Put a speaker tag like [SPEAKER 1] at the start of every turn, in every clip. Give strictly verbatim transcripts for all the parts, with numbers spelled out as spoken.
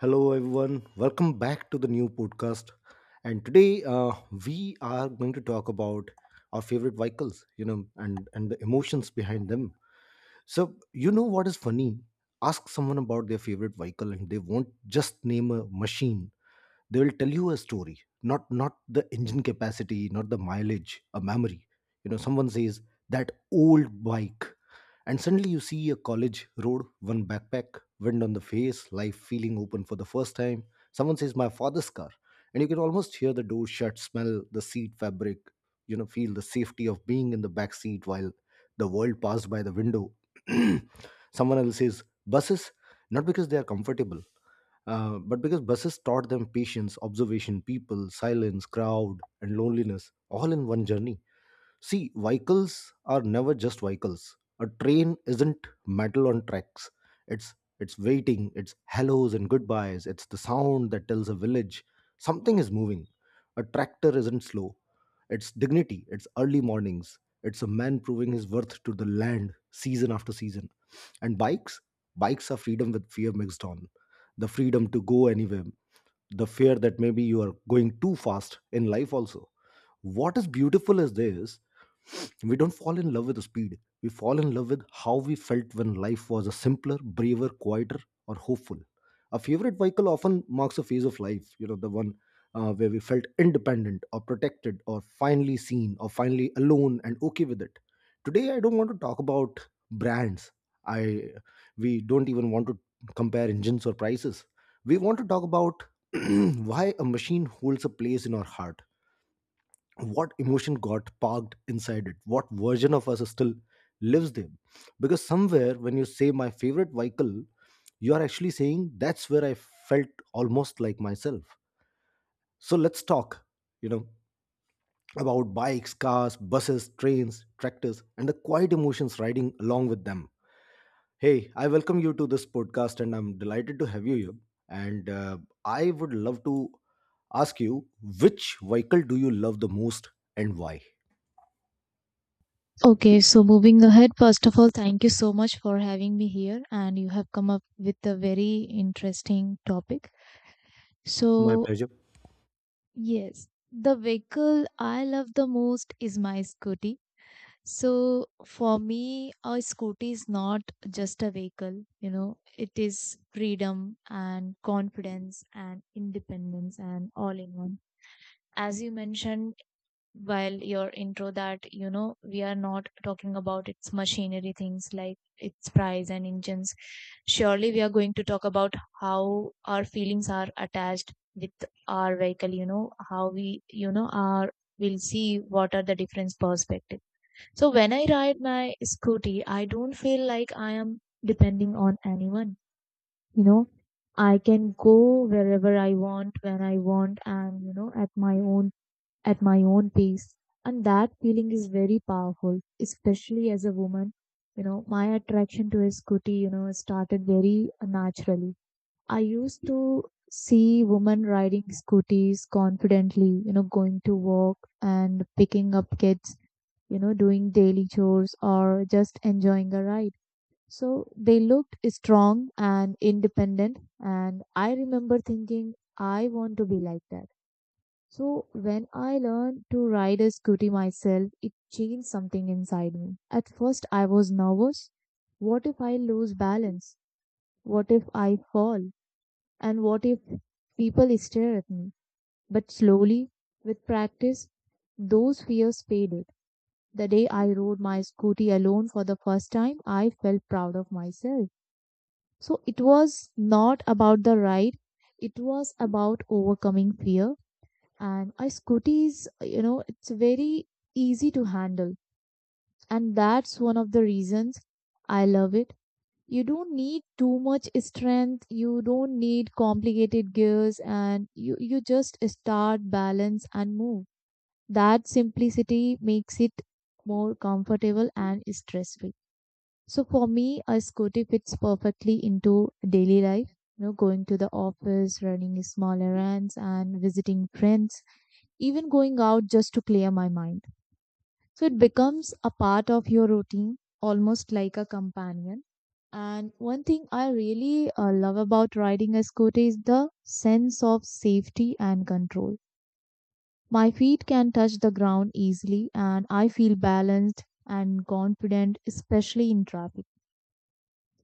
[SPEAKER 1] Hello, everyone. Welcome back to the new podcast. And today, uh, we are going to talk about our favorite vehicles, you know, and and the emotions behind them. So, you know what is funny? Ask someone about their favorite vehicle, and they won't just name a machine. They will tell you a story, not not the engine capacity, not the mileage, a memory. You know, someone says that old bike and suddenly you see a college road, one backpack, wind on the face, life feeling open for the first time. Someone says, my father's car. And you can almost hear the door shut, smell the seat fabric, you know, feel the safety of being in the back seat while the world passed by the window. Someone else says, buses, not because they are comfortable, uh, but because buses taught them patience, observation, people, silence, crowd, and loneliness all in one journey. See, vehicles are never just vehicles. A train isn't metal on tracks. It's it's waiting, it's hellos and goodbyes, it's the sound that tells a village something is moving. A tractor isn't slow. It's dignity, it's early mornings, it's a man proving his worth to the land season after season. And bikes? Bikes are freedom with fear mixed on. The freedom to go anywhere, the fear that maybe you are going too fast in life also. What is beautiful is this: we don't fall in love with the speed. We fall in love with how we felt when life was a simpler, braver, quieter, or hopeful. A favorite vehicle often marks a phase of life, you know, the one uh, where we felt independent or protected or finally seen or finally alone and okay with it. Today, I don't want to talk about brands. I We don't even want to compare engines or prices. We want to talk about why a machine holds a place in our heart, what emotion got parked inside it, what version of us still lives there, because somewhere when you say my favorite vehicle, you are actually saying that's where I felt almost like myself. So let's talk, you know, about bikes, cars, buses, trains, tractors, and the quiet emotions riding along with them. Hey, I welcome you to this podcast, and I'm delighted to have you here. And uh, I would love to ask you, which vehicle do you love the most and why?
[SPEAKER 2] Okay, so moving ahead, first of all, thank you so much for having me here, and you have come up with a very interesting topic.
[SPEAKER 1] My
[SPEAKER 2] So,
[SPEAKER 1] pleasure.
[SPEAKER 2] yes, the vehicle I love the most is my scooty. So, for me, a scooty is not just a vehicle, you know, it is freedom and confidence and independence and all in one. As you mentioned, while your intro that you know we are not talking about its machinery things like its price and engines, surely we are going to talk about how our feelings are attached with our vehicle, you know how we you know are, we'll see what are the different perspective. So when I ride my scooty, I don't feel like I am depending on anyone, you know. I can go wherever I want when I want and you know at my own, at my own pace. And that feeling is very powerful, especially as a woman. You know, my attraction to a scooty, you know, started very naturally. I used to see women riding scooties confidently, you know, going to work and picking up kids, you know, doing daily chores or just enjoying a ride. So they looked strong and independent. And I remember thinking, I want to be like that. So when I learned to ride a scooty myself, it changed something inside me. At first, I was nervous. What if I lose balance? What if I fall? And what if people stare at me? But slowly, with practice, those fears faded. The day I rode my scooty alone for the first time, I felt proud of myself. So it was not about the ride, it was about overcoming fear. And I, scooters, you know, it's very easy to handle, and that's one of the reasons I love it. You don't need too much strength, you don't need complicated gears, and you you just start, balance, and move. That simplicity makes it more comfortable and stress free. So for me, a scooter fits perfectly into daily life, you know, going to the office, running small errands, and visiting friends, even going out just to clear my mind. So it becomes a part of your routine, almost like a companion. And one thing I really uh, love about riding a scooter is the sense of safety and control. My feet can touch the ground easily, and I feel balanced and confident, especially in traffic.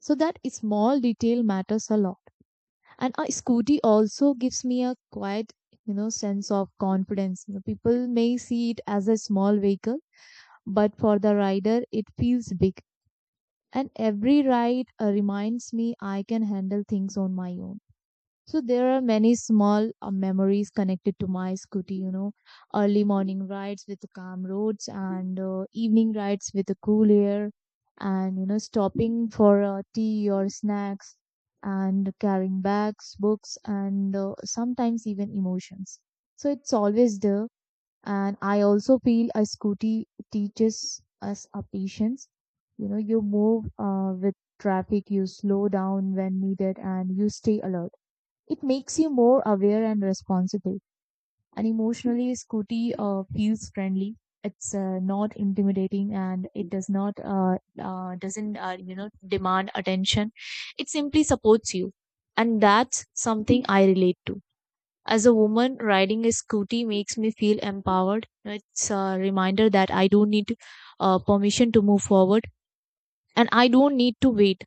[SPEAKER 2] So that small detail matters a lot. And a scooty also gives me a quiet, you know, sense of confidence. You know, people may see it as a small vehicle, but for the rider, it feels big. And every ride uh, reminds me I can handle things on my own. So there are many small uh, memories connected to my scooty, you know, early morning rides with calm roads and uh, evening rides with the cool air, and, you know, stopping for uh, tea or snacks, and carrying bags, books, and uh, sometimes even emotions. So it's always there. And I also feel a scooty teaches us a patience. You know, you move uh, with traffic, you slow down when needed, and you stay alert. It makes you more aware and responsible. And emotionally, scooty uh, feels friendly. It's uh, not intimidating, and it does not uh, uh, doesn't uh, you know demand attention. It simply supports you, and that's something I relate to. As a woman, riding a scooty makes me feel empowered. It's a reminder that I don't need to, uh, permission to move forward, and I don't need to wait.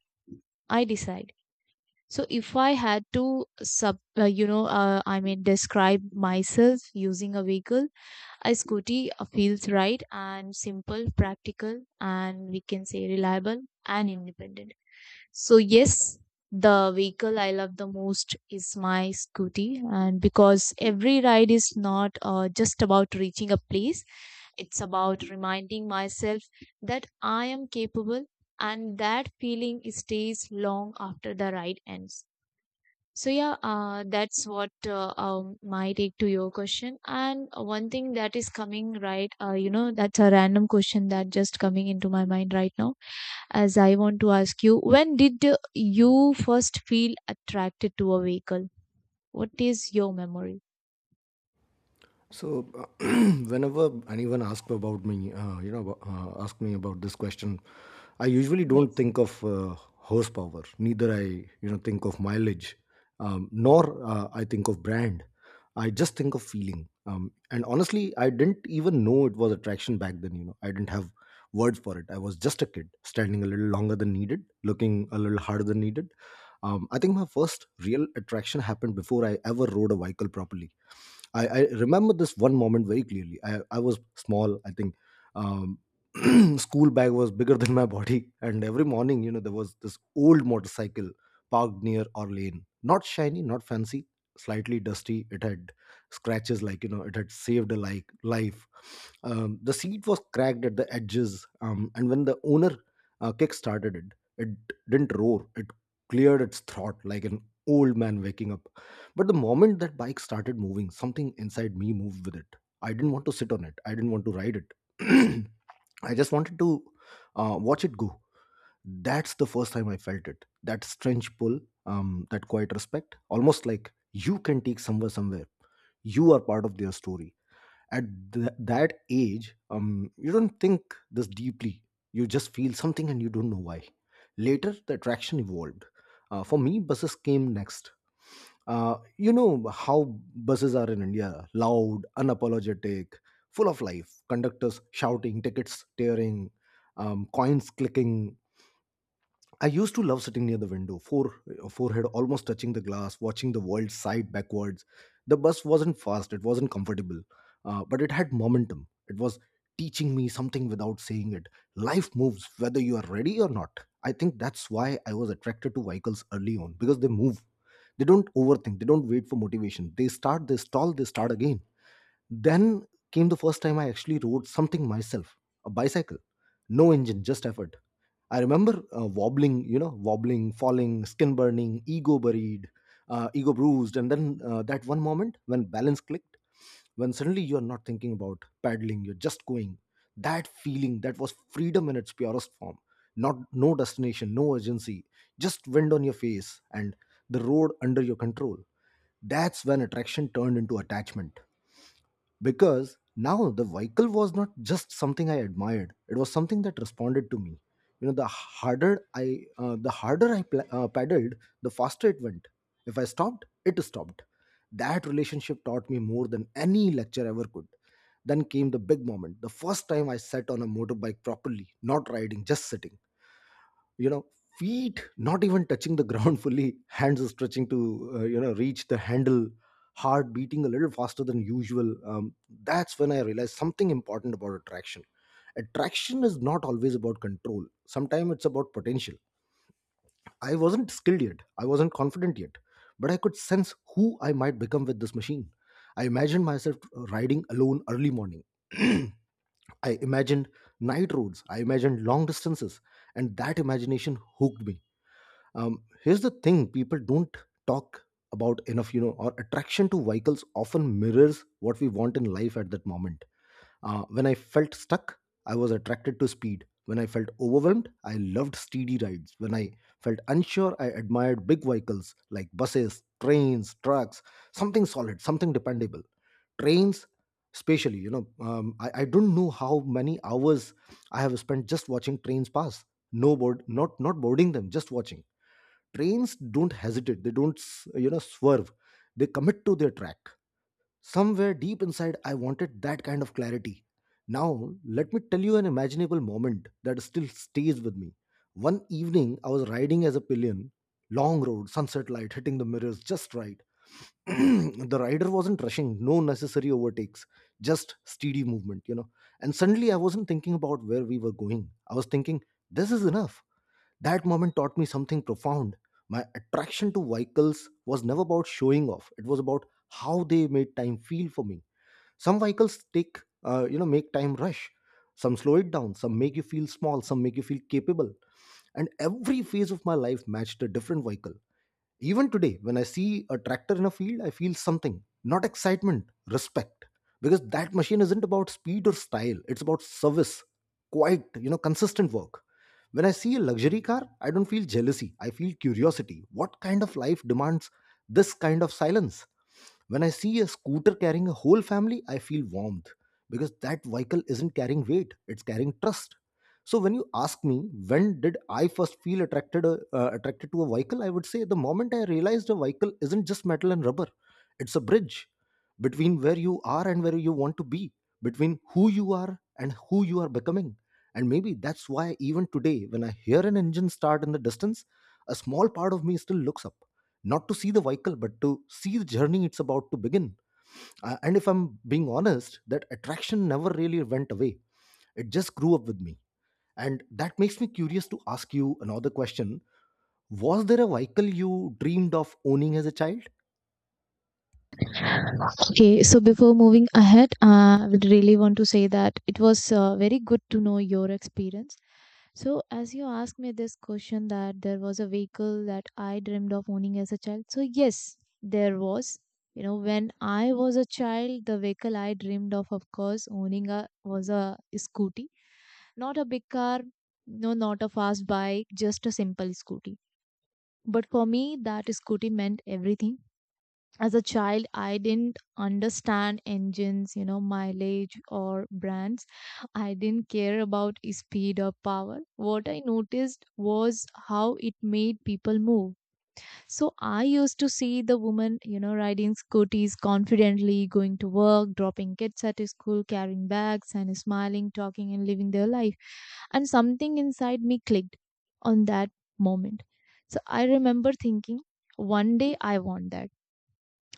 [SPEAKER 2] I decide. So if I had to sub, uh, you know, uh, I mean, describe myself using a vehicle, a scooty uh, feels right and simple, practical, and we can say reliable and independent. So, yes, the vehicle I love the most is my scooty, and because every ride is not uh, just about reaching a place, it's about reminding myself that I am capable, and that feeling stays long after the ride ends. So yeah, uh, that's what uh, um, my take to your question. And one thing that is coming right, uh, you know, that's a random question that just coming into my mind right now. As I want to ask you, when did uh, you first feel attracted to a vehicle? What is your memory?
[SPEAKER 1] So whenever anyone asks about me, uh, you know, uh, ask me about this question, I usually don't
[SPEAKER 2] Yes.
[SPEAKER 1] think of uh, horsepower. Neither I, you know, think of mileage, um, nor uh, I think of brand. I just think of feeling. Um, and honestly, I didn't even know it was attraction back then. You know, I didn't have words for it. I was just a kid, standing a little longer than needed, looking a little harder than needed. Um, I think my first real attraction happened before I ever rode a vehicle properly. I, I remember this one moment very clearly. I, I was small, I think, um, school bag was bigger than my body, and every morning, you know, there was this old motorcycle parked near our lane, not shiny, not fancy, slightly dusty. It had scratches, like, you know, it had saved a like life. Um, the seat was cracked at the edges. Um, and when the owner uh, kick started it, it didn't roar, it cleared its throat like an old man waking up. But the moment that bike started moving, something inside me moved with it. I didn't want to sit on it, I didn't want to ride it. I just wanted to uh, watch it go. That's the first time I felt it. That strange pull, um, that quiet respect, almost like you can take somewhere somewhere. You are part of their story at th- that age. Um, you don't think this deeply, you just feel something and you don't know why. Later the attraction evolved. Uh, for me, buses came next. Uh, you know how buses are in India, loud, unapologetic, full of life, conductors shouting, tickets tearing, um, coins clicking. I used to love sitting near the window, fore, uh, forehead almost touching the glass, watching the world side backwards. The bus wasn't fast, it wasn't comfortable, uh, but it had momentum. It was teaching me something without saying it. Life moves whether you are ready or not. I think that's why I was attracted to vehicles early on, because they move. They don't overthink, they don't wait for motivation. They start, they stall, they start again. Then came the first time I actually rode something myself: a bicycle. No engine, just effort. I remember uh, wobbling, you know, wobbling, falling, skin burning, ego buried, uh, ego bruised, and then uh, that one moment when balance clicked, when suddenly you are not thinking about paddling, you're just going. That feeling, that was freedom in its purest form. Not no destination, no urgency, just wind on your face and the road under your control. That's when attraction turned into attachment, because now the vehicle was not just something I admired, it was something that responded to me. You know, the harder i uh, the harder I pla uh, paddled, the faster it went. If I stopped, it stopped. That relationship taught me more than any lecture ever could. Then came the big moment, the first time I sat on a motorbike properly, not riding, just sitting, you know, feet not even touching the ground fully, hands stretching to uh, you know, reach the handle, heart beating a little faster than usual. Um, that's when I realized something important about attraction. Attraction is not always about control, sometimes it's about potential. I wasn't skilled yet, I wasn't confident yet, but I could sense who I might become with this machine. I imagined myself riding alone early morning, I imagined night roads, I imagined long distances, and that imagination hooked me. Um, here's the thing people don't talk about enough. You know, our attraction to vehicles often mirrors what we want in life at that moment. Uh, when I felt stuck, I was attracted to speed. When I felt overwhelmed, I loved steady rides. When I felt unsure, I admired big vehicles like buses, trains, trucks, something solid, something dependable. Trains especially, you know. Um, I, I don't know how many hours I have spent just watching trains pass, no board not not boarding them, just watching. Trains don't hesitate, they don't s- you know, swerve, they commit to their track. Somewhere deep inside, I wanted that kind of clarity. Now let me tell you an imaginable moment that still stays with me. One evening I was riding as a pillion, long road, sunset light hitting the mirrors just right, the rider wasn't rushing, no necessary overtakes, just steady movement, you know. And suddenly I wasn't thinking about where we were going, I was thinking, this is enough. That moment taught me something profound. My attraction to vehicles was never about showing off. It was about how they made time feel for me. Some vehicles take, uh, you know, make time rush. Some slow it down. Some make you feel small. Some make you feel capable. And every phase of my life matched a different vehicle. Even today, when I see a tractor in a field, I feel something, not excitement, respect. Because that machine isn't about speed or style, it's about service, quite, you know, consistent work. When I see a luxury car, I don't feel jealousy, I feel curiosity. What kind of life demands this kind of silence? When I see a scooter carrying a whole family, I feel warmth, because that vehicle isn't carrying weight, it's carrying trust. So when you ask me when did I first feel attracted uh, uh, attracted to a vehicle, I would say the moment I realized a vehicle isn't just metal and rubber. It's a bridge between where you are and where you want to be, between who you are and who you are becoming. And maybe that's why even today when I hear an engine start in the distance, a small part of me still looks up, not to see the vehicle but to see the journey it's about to begin. Uh, and if I'm being honest, that attraction never really went away, it just grew up with me. And that makes me curious to ask you another question: was there a vehicle you dreamed of owning as a child?
[SPEAKER 2] Okay, so before moving ahead, uh, I would really want to say that it was uh, very good to know your experience. So, as you asked me this question, that there was a vehicle that I dreamed of owning as a child. So, yes, there was. You know, when I was a child, the vehicle I dreamed of, of course, owning a was a scooty, not a big car, no, not a fast bike, just a simple scooty. But for me, that scooty meant everything. As a child, I didn't understand engines, you know, mileage or brands. I didn't care about speed or power. What I noticed was how it made people move. So I used to see the woman, you know, riding scooters confidently, going to work, dropping kids at school, carrying bags and smiling, talking, and living their life. And something inside me clicked on that moment. So I remember thinking, one day I want that.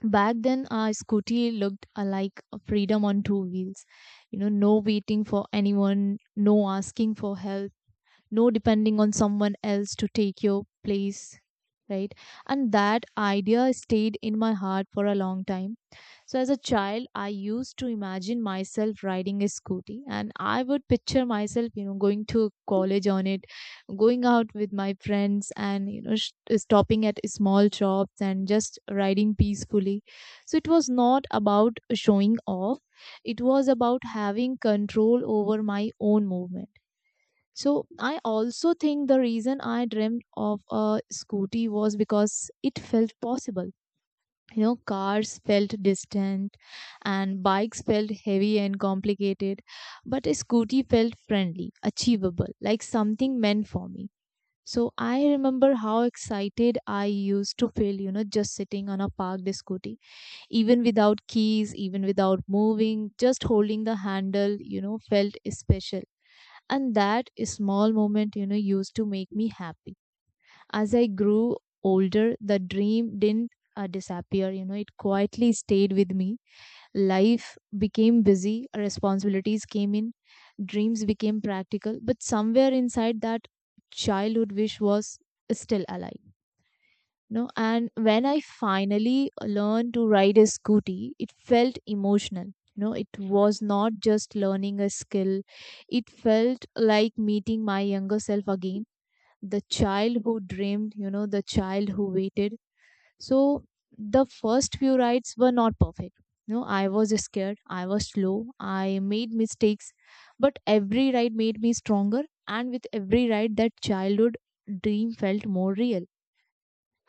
[SPEAKER 2] Back then, our scooty looked uh, like a freedom on two wheels. You know, no waiting for anyone, no asking for help, no depending on someone else to take your place, right? And that idea stayed in my heart for a long time. So, as a child, I used to imagine myself riding a scooty, and I would picture myself, you know, going to college on it, going out with my friends, and, you know, sh- stopping at small shops and just riding peacefully. So, it was not about showing off, it was about having control over my own movement. So, I also think the reason I dreamt of a scooty was because it felt possible. You know, cars felt distant, and bikes felt heavy and complicated, but a scooty felt friendly, achievable, like something meant for me. So I remember how excited I used to feel, you know, just sitting on a parked scooty, even without keys, even without moving, just holding the handle, you know, felt special. And that small moment, you know, used to make me happy. As I grew older, the dream didn't uh, disappear. You know, it quietly stayed with me. Life became busy, responsibilities came in, dreams became practical, but somewhere inside, that childhood wish was still alive. No, and when I finally learned to ride a scooty, it felt emotional. You know, it was not just learning a skill, it felt like meeting my younger self again, the child who dreamed, you know, the child who waited. So the first few rides were not perfect. No, I was scared, I was slow, I made mistakes, but every ride made me stronger, and with every ride, that childhood dream felt more real.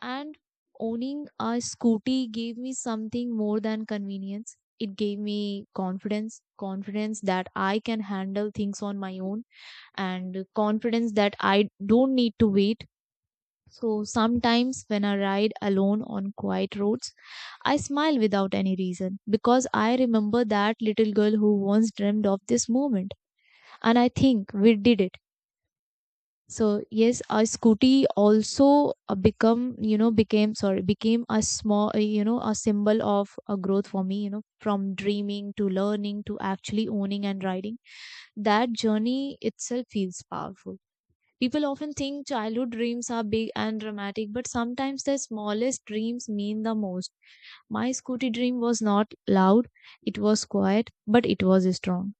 [SPEAKER 2] And owning a scooty gave me something more than convenience. It gave me confidence, confidence that I can handle things on my own, and confidence that I don't need to wait. So sometimes when I ride alone on quiet roads, I smile without any reason because I remember that little girl who once dreamed of this moment, and I think we did it. So yes, a scooty also uh, become you know became sorry became a small uh, you know a symbol of a growth for me, you know, from dreaming to learning to actually owning and riding. That journey itself feels powerful. People often think childhood dreams are big and dramatic, but sometimes the smallest dreams mean the most. My scooty dream was not loud, it was quiet, but it was strong.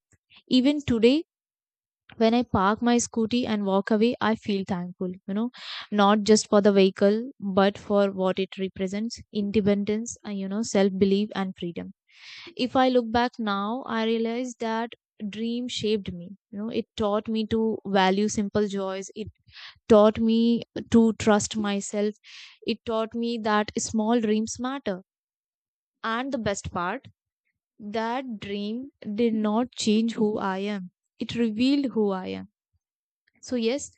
[SPEAKER 2] Even today, when I park my scooty and walk away, I feel thankful, you know, not just for the vehicle, but for what it represents, independence, and, you know, self belief, and freedom. If I look back now, I realize that dream shaped me. You know, it taught me to value simple joys. It taught me to trust myself. It taught me that small dreams matter. And the best part, that dream did not change who I am. It revealed who I am. So yes,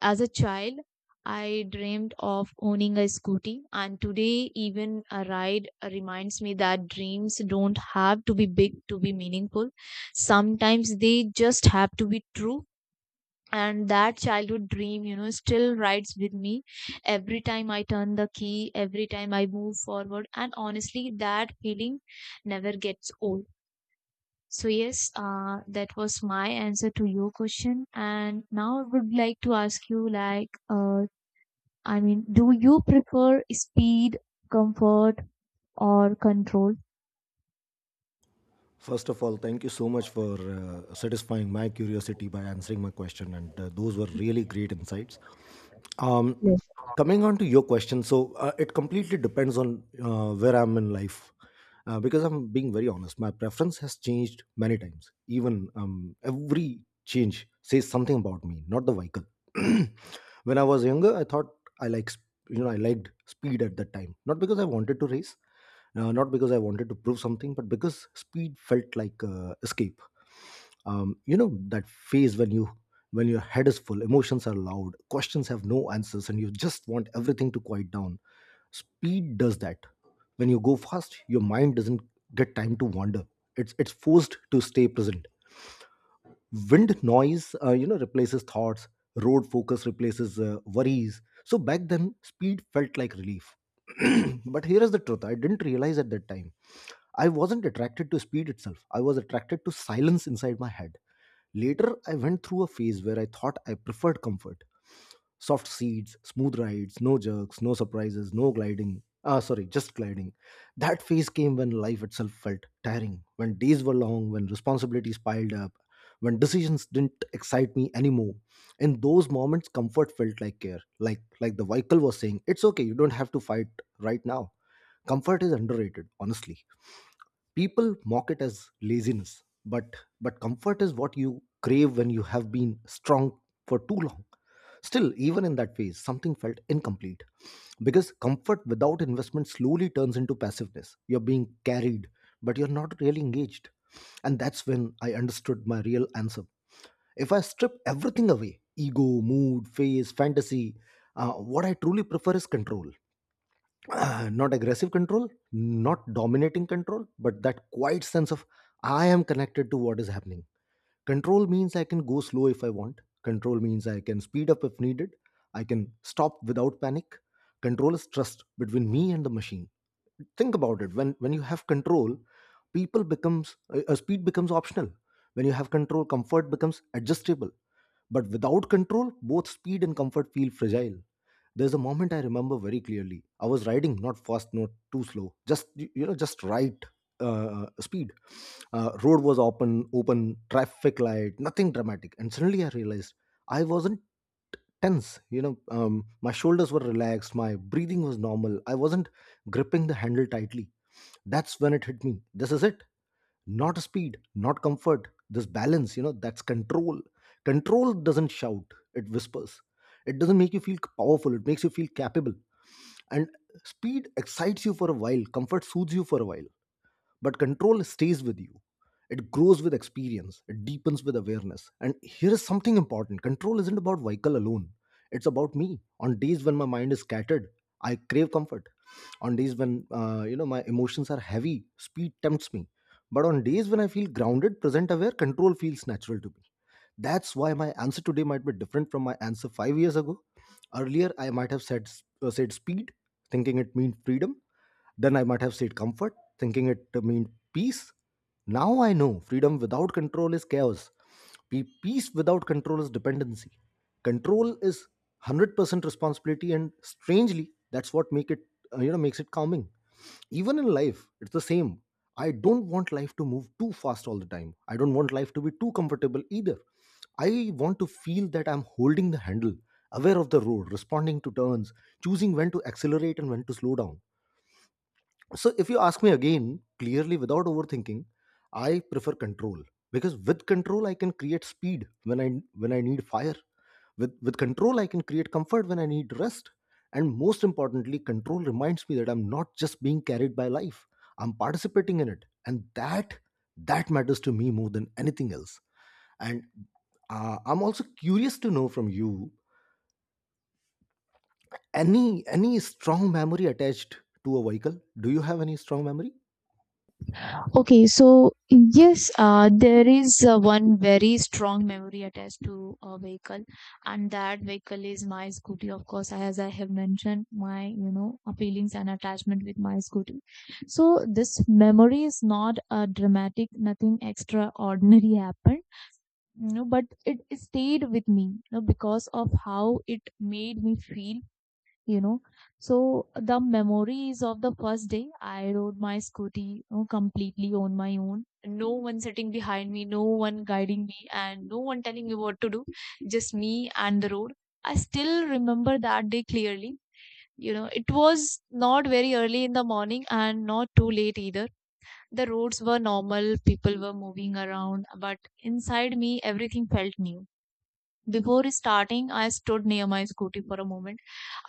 [SPEAKER 2] as a child, I dreamed of owning a scooty, and today, even a ride reminds me that dreams don't have to be big to be meaningful. Sometimes they just have to be true. And that childhood dream, you know, still rides with me every time I turn the key, every time I move forward. And honestly, that feeling never gets old. So, yes, uh, that was my answer to your question. And now I would like to ask you, like, uh, I mean, do you prefer speed, comfort, or control?
[SPEAKER 1] First of all, thank you so much for uh, satisfying my curiosity by answering my question, and uh, those were really great insights. um,
[SPEAKER 2] Yes.
[SPEAKER 1] Coming on to your question, so uh, it completely depends on uh, where I'm in life. Uh, because I'm being very honest, my preference has changed many times. Even um, every change says something about me, not the vehicle. When I was younger, I thought I like sp- you know I liked speed at that time, not because I wanted to race, uh, not because I wanted to prove something, but because speed felt like uh, escape. Um, you know that phase when you when your head is full, emotions are loud, questions have no answers, and you just want everything to quiet down. Speed does that. When you go fast, your mind doesn't get time to wander. It's it's forced to stay present. Wind noise, uh, you know, replaces thoughts. Road focus replaces uh, worries. So back then, speed felt like relief. But here is the truth: I didn't realize at that time. I wasn't attracted to speed itself. I was attracted to silence inside my head. Later, I went through a phase where I thought I preferred comfort. Soft seats, smooth rides, no jerks, no surprises, no gliding. Ah, sorry, just gliding. That phase came when life itself felt tiring, when days were long, when responsibilities piled up, when decisions didn't excite me anymore. In those moments, comfort felt like care. Like like the vehicle was saying, it's okay, you don't have to fight right now. Comfort is underrated, honestly. People mock it as laziness, but but comfort is what you crave when you have been strong for too long. Still, even in that phase, something felt incomplete, because comfort without investment slowly turns into passiveness. You're being carried, but you're not really engaged. And that's when I understood my real answer. If I strip everything away, ego, mood, phase, fantasy, uh, what I truly prefer is control. Uh, not aggressive control, not dominating control, but that quiet sense of: I am connected to what is happening. Control means I can go slow if I want. Control means I can speed up if needed. I can stop without panic. Control is trust between me and the machine. Think about it. When when you have control, people becomes uh, uh, speed becomes optional. When you have control, comfort becomes adjustable. But without control, both speed and comfort feel fragile. There's a moment I remember very clearly. I was riding not fast, not too slow, just y- you know, just right uh, speed. Uh, road was open, open traffic light, nothing dramatic. And suddenly I realized I wasn't tense. You know, um, my shoulders were relaxed, my breathing was normal. I wasn't gripping the handle tightly. That's when it hit me. This is it, not speed, not comfort, this balance, you know, that's control. Control doesn't shout, it whispers. It doesn't make you feel powerful, it makes you feel capable. And speed excites you for a while, comfort soothes you for a while, but control stays with you. It grows with experience, it deepens with awareness. And here is something important: control isn't about vehicle alone, it's about me. On days when my mind is scattered, I crave comfort. On days when uh, you know my emotions are heavy, speed tempts me. But on days when I feel grounded, present, aware, control feels natural to me. That's why my answer today might be different from my answer five years ago. Earlier, I might have said, uh, said speed, thinking it meant freedom. Then I might have said comfort, thinking it meant peace. Now I know freedom without control is chaos. Pe- Peace without control is dependency. Control is one hundred percent responsibility, and strangely, that's what make it uh, you know makes it calming. Even in life, it's the same. I don't want life to move too fast all the time. I don't want life to be too comfortable either. I want to feel that I'm holding the handle, aware of the road, responding to turns, choosing when to accelerate and when to slow down. So if you ask me again, clearly without overthinking, I prefer control, because with control I can create speed when I when I need fire. With with control I can create comfort when I need rest. And most importantly, control reminds me that I'm not just being carried by life. I'm participating in it, and that that matters to me more than anything else. And uh, I'm also curious to know from you, any any strong memory attached to a vehicle. Do you have any strong memory?
[SPEAKER 2] Okay, so yes, uh, there is uh, one very strong memory attached to a vehicle, and that vehicle is my scooty. Of course, as I have mentioned, my you know uh, feelings and attachment with my scooty. So this memory is not a dramatic, nothing extraordinary happened. You know, but it stayed with me, you know, because of how it made me feel. you know so the memories of the first day I rode my scooty, you know, completely on my own, no one sitting behind me, no one guiding me, and no one telling me what to do, just me and the road. I still remember that day clearly. You know, it was not very early in the morning and not too late either. The roads were normal, people were moving around, but inside me everything felt new. Before starting, I stood near my scooty for a moment.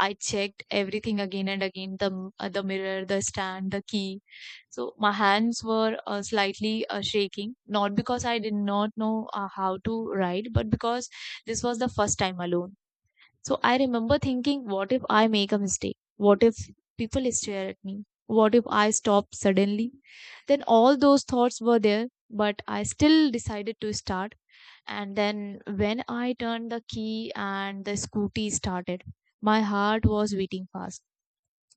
[SPEAKER 2] I checked everything again and again, the uh, the mirror, the stand, the key. So my hands were uh, slightly uh, shaking, not because I did not know uh, how to ride, but because this was the first time alone. So I remember thinking, what if I make a mistake? What if people stare at me? What if I stop suddenly? Then all those thoughts were there, but I still decided to start. And then when I turned the key and the scooty started, my heart was beating fast.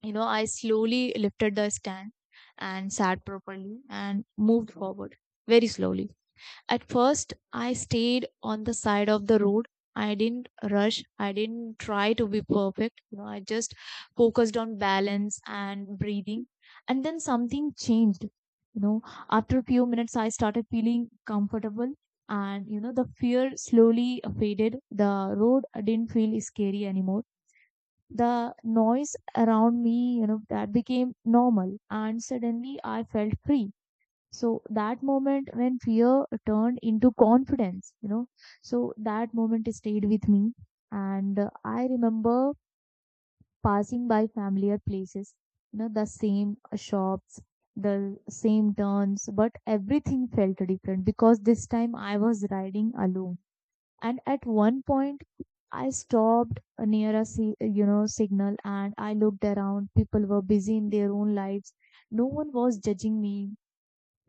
[SPEAKER 2] You know, I slowly lifted the stand and sat properly and moved forward very slowly. At first, I stayed on the side of the road. I didn't rush. I didn't try to be perfect. You know, I just focused on balance and breathing. And then something changed. You know, after a few minutes, I started feeling comfortable and, you know, the fear slowly faded. The road didn't feel scary anymore. The noise around me, you know, that became normal. And suddenly I felt free. So that moment when fear turned into confidence, you know, so that moment stayed with me. And uh, I remember passing by familiar places, you know, the same shops, the same turns, but everything felt different because this time I was riding alone. And at one point, I stopped near a si- you know signal and I looked around. People were busy in their own lives. No one was judging me,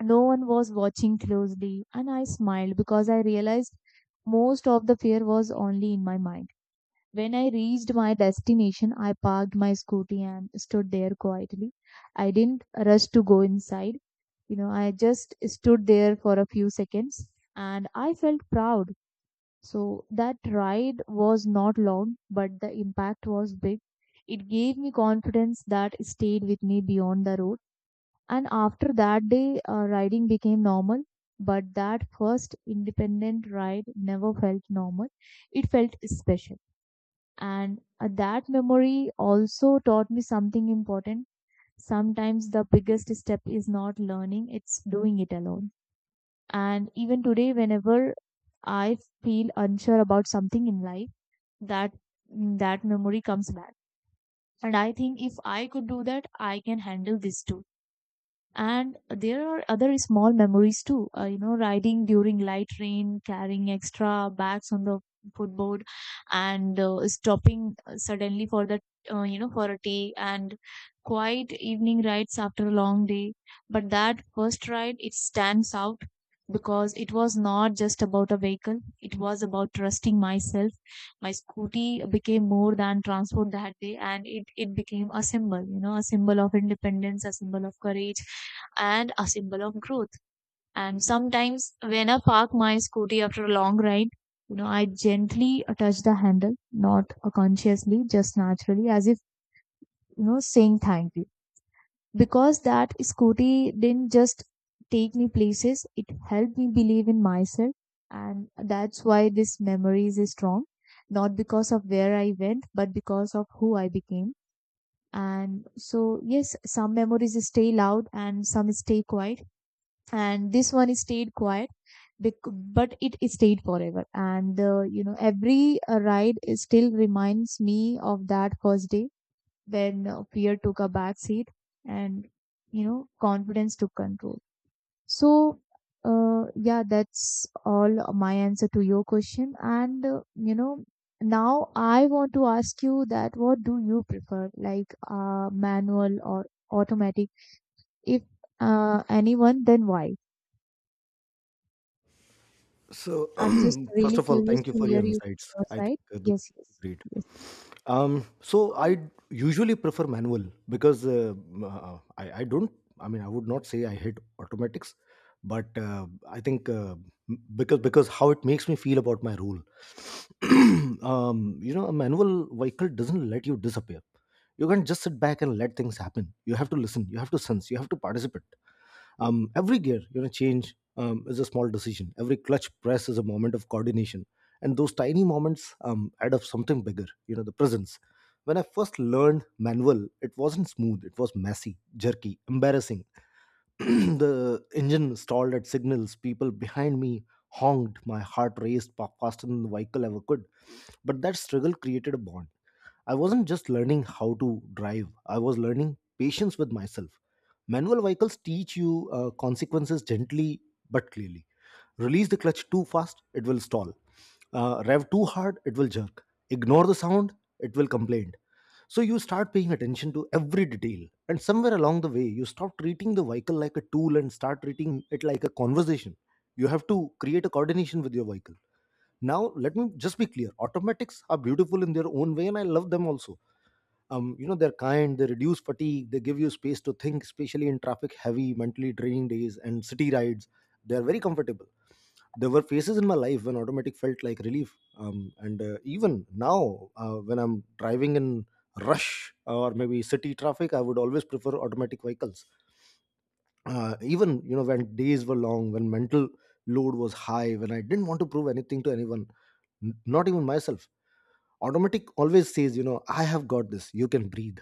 [SPEAKER 2] no one was watching closely, and I smiled because I realized most of the fear was only in my mind. When I reached my destination, I parked my scooty and stood there quietly. I didn't rush to go inside. You know, I just stood there for a few seconds and I felt proud. So that ride was not long, but the impact was big. It gave me confidence that stayed with me beyond the road. And after that day, uh, riding became normal. But that first independent ride never felt normal. It felt special. And uh, that memory also taught me something important. Sometimes the biggest step is not learning, it's doing it alone. And even today, whenever I feel unsure about something in life, that that memory comes back. And I think if I could do that, I can handle this too. And there are other small memories too, uh, you know, riding during light rain, carrying extra bags on the footboard, and uh, stopping uh, suddenly for the, uh, you know, for a tea, and quiet evening rides after a long day. But that first ride, it stands out because it was not just about a vehicle, it was about trusting myself. My scooty became more than transport that day, and it, it became a symbol, you know, a symbol of independence, a symbol of courage and a symbol of growth. And sometimes when I park my scooty after a long ride, you know, I gently touch the handle, not consciously, just naturally, as if, you know, saying thank you. Because that scooty didn't just take me places, it helped me believe in myself. And that's why this memory is strong, not because of where I went, but because of who I became. And so, yes, some memories stay loud and some stay quiet, and this one is stayed quiet, but it, it stayed forever. And uh, you know, every uh, ride is still reminds me of that first day when uh, fear took a back seat and, you know, confidence took control. so uh, yeah, that's all my answer to your question. And uh, you know, now I want to ask you that what do you prefer, like, uh, manual or automatic? If uh, anyone, then why?
[SPEAKER 1] So,
[SPEAKER 2] I'm just
[SPEAKER 1] first
[SPEAKER 2] really
[SPEAKER 1] of all,
[SPEAKER 2] curious
[SPEAKER 1] thank you
[SPEAKER 2] to
[SPEAKER 1] for your
[SPEAKER 2] hear you
[SPEAKER 1] insights.
[SPEAKER 2] from your
[SPEAKER 1] I think
[SPEAKER 2] side.
[SPEAKER 1] uh, those
[SPEAKER 2] Yes, yes,
[SPEAKER 1] are great.
[SPEAKER 2] yes.
[SPEAKER 1] Um, so I usually prefer manual because uh, m- uh, I, I don't. I mean, I would not say I hate automatics, but uh, I think uh, m- because because how it makes me feel about my role. um, you know, a manual vehicle doesn't let you disappear. You can't just sit back and let things happen. You have to listen. You have to sense. You have to participate. Um, every gear, you know, change um, is a small decision. Every clutch press is a moment of coordination, and those tiny moments um, add up something bigger. You know, the presence. When I first learned manual, it wasn't smooth. It was messy, jerky, embarrassing. The engine stalled at signals. People behind me honked. My heart raced pa- faster than the vehicle ever could. But that struggle created a bond. I wasn't just learning how to drive, I was learning patience with myself. Manual vehicles teach you uh, consequences gently but clearly. Release the clutch too fast, it will stall. Uh, rev too hard, it will jerk. Ignore the sound, it will complain. So you start paying attention to every detail. And somewhere along the way, you stop treating the vehicle like a tool and start treating it like a conversation. You have to create a coordination with your vehicle. Now, let me just be clear, automatics are beautiful in their own way, and I love them also. Um, you know, they're kind, they reduce fatigue, they give you space to think, especially in traffic heavy, mentally draining days and city rides. They're very comfortable. There were phases in my life when automatic felt like relief. Um, and uh, Even now, uh, when I'm driving in rush or maybe city traffic, I would always prefer automatic vehicles. Uh, even, you know, when days were long, when mental load was high, when I didn't want to prove anything to anyone, n- not even myself, automatic always says, you know, I have got this, you can breathe.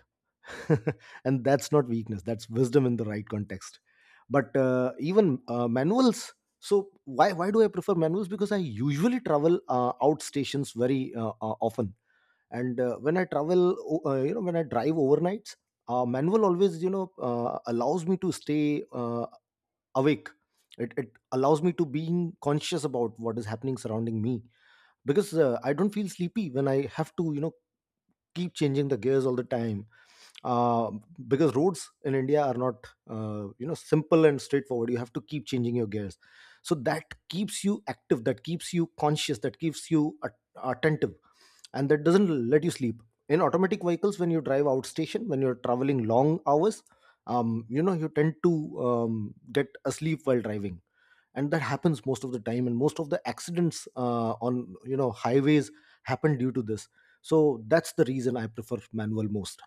[SPEAKER 1] And that's not weakness, that's wisdom in the right context. But uh, even uh, manuals, so why why do I prefer manuals? Because I usually travel uh, out stations very uh, uh, often. And uh, when I travel, o- uh, you know when I drive overnights, uh, manual always, you know, uh, allows me to stay uh, awake. It, it allows me to being conscious about what is happening surrounding me, because uh, I don't feel sleepy when I have to, you know, keep changing the gears all the time. uh, because roads in India are not uh, you know simple and straightforward, you have to keep changing your gears. So that keeps you active, that keeps you conscious, that keeps you at- attentive, and that doesn't let you sleep. In automatic vehicles, when you drive out station, when you're traveling long hours, um, you know, you tend to um, get asleep while driving. And that happens most of the time, and most of the accidents uh, on, you know, highways happen due to this. So that's the reason I prefer manual most.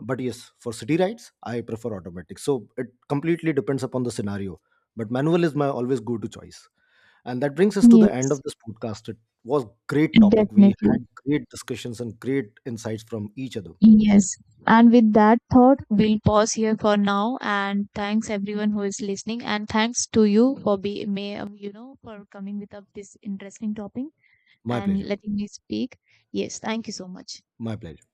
[SPEAKER 1] But yes, for city rides I prefer automatic, so it completely depends upon the scenario. But manual is my always go to choice. And that brings us to the end of
[SPEAKER 2] Yes,
[SPEAKER 1] this podcast. It was great topic, we had
[SPEAKER 2] definitely.
[SPEAKER 1] great discussions and great insights from each other.
[SPEAKER 2] Yes. And with that thought, we'll pause here for now. And thanks everyone who is listening. And thanks to you for being, you know, for coming with up this interesting topic
[SPEAKER 1] My
[SPEAKER 2] and
[SPEAKER 1] pleasure.
[SPEAKER 2] letting me speak. Yes, thank you so much.
[SPEAKER 1] My pleasure.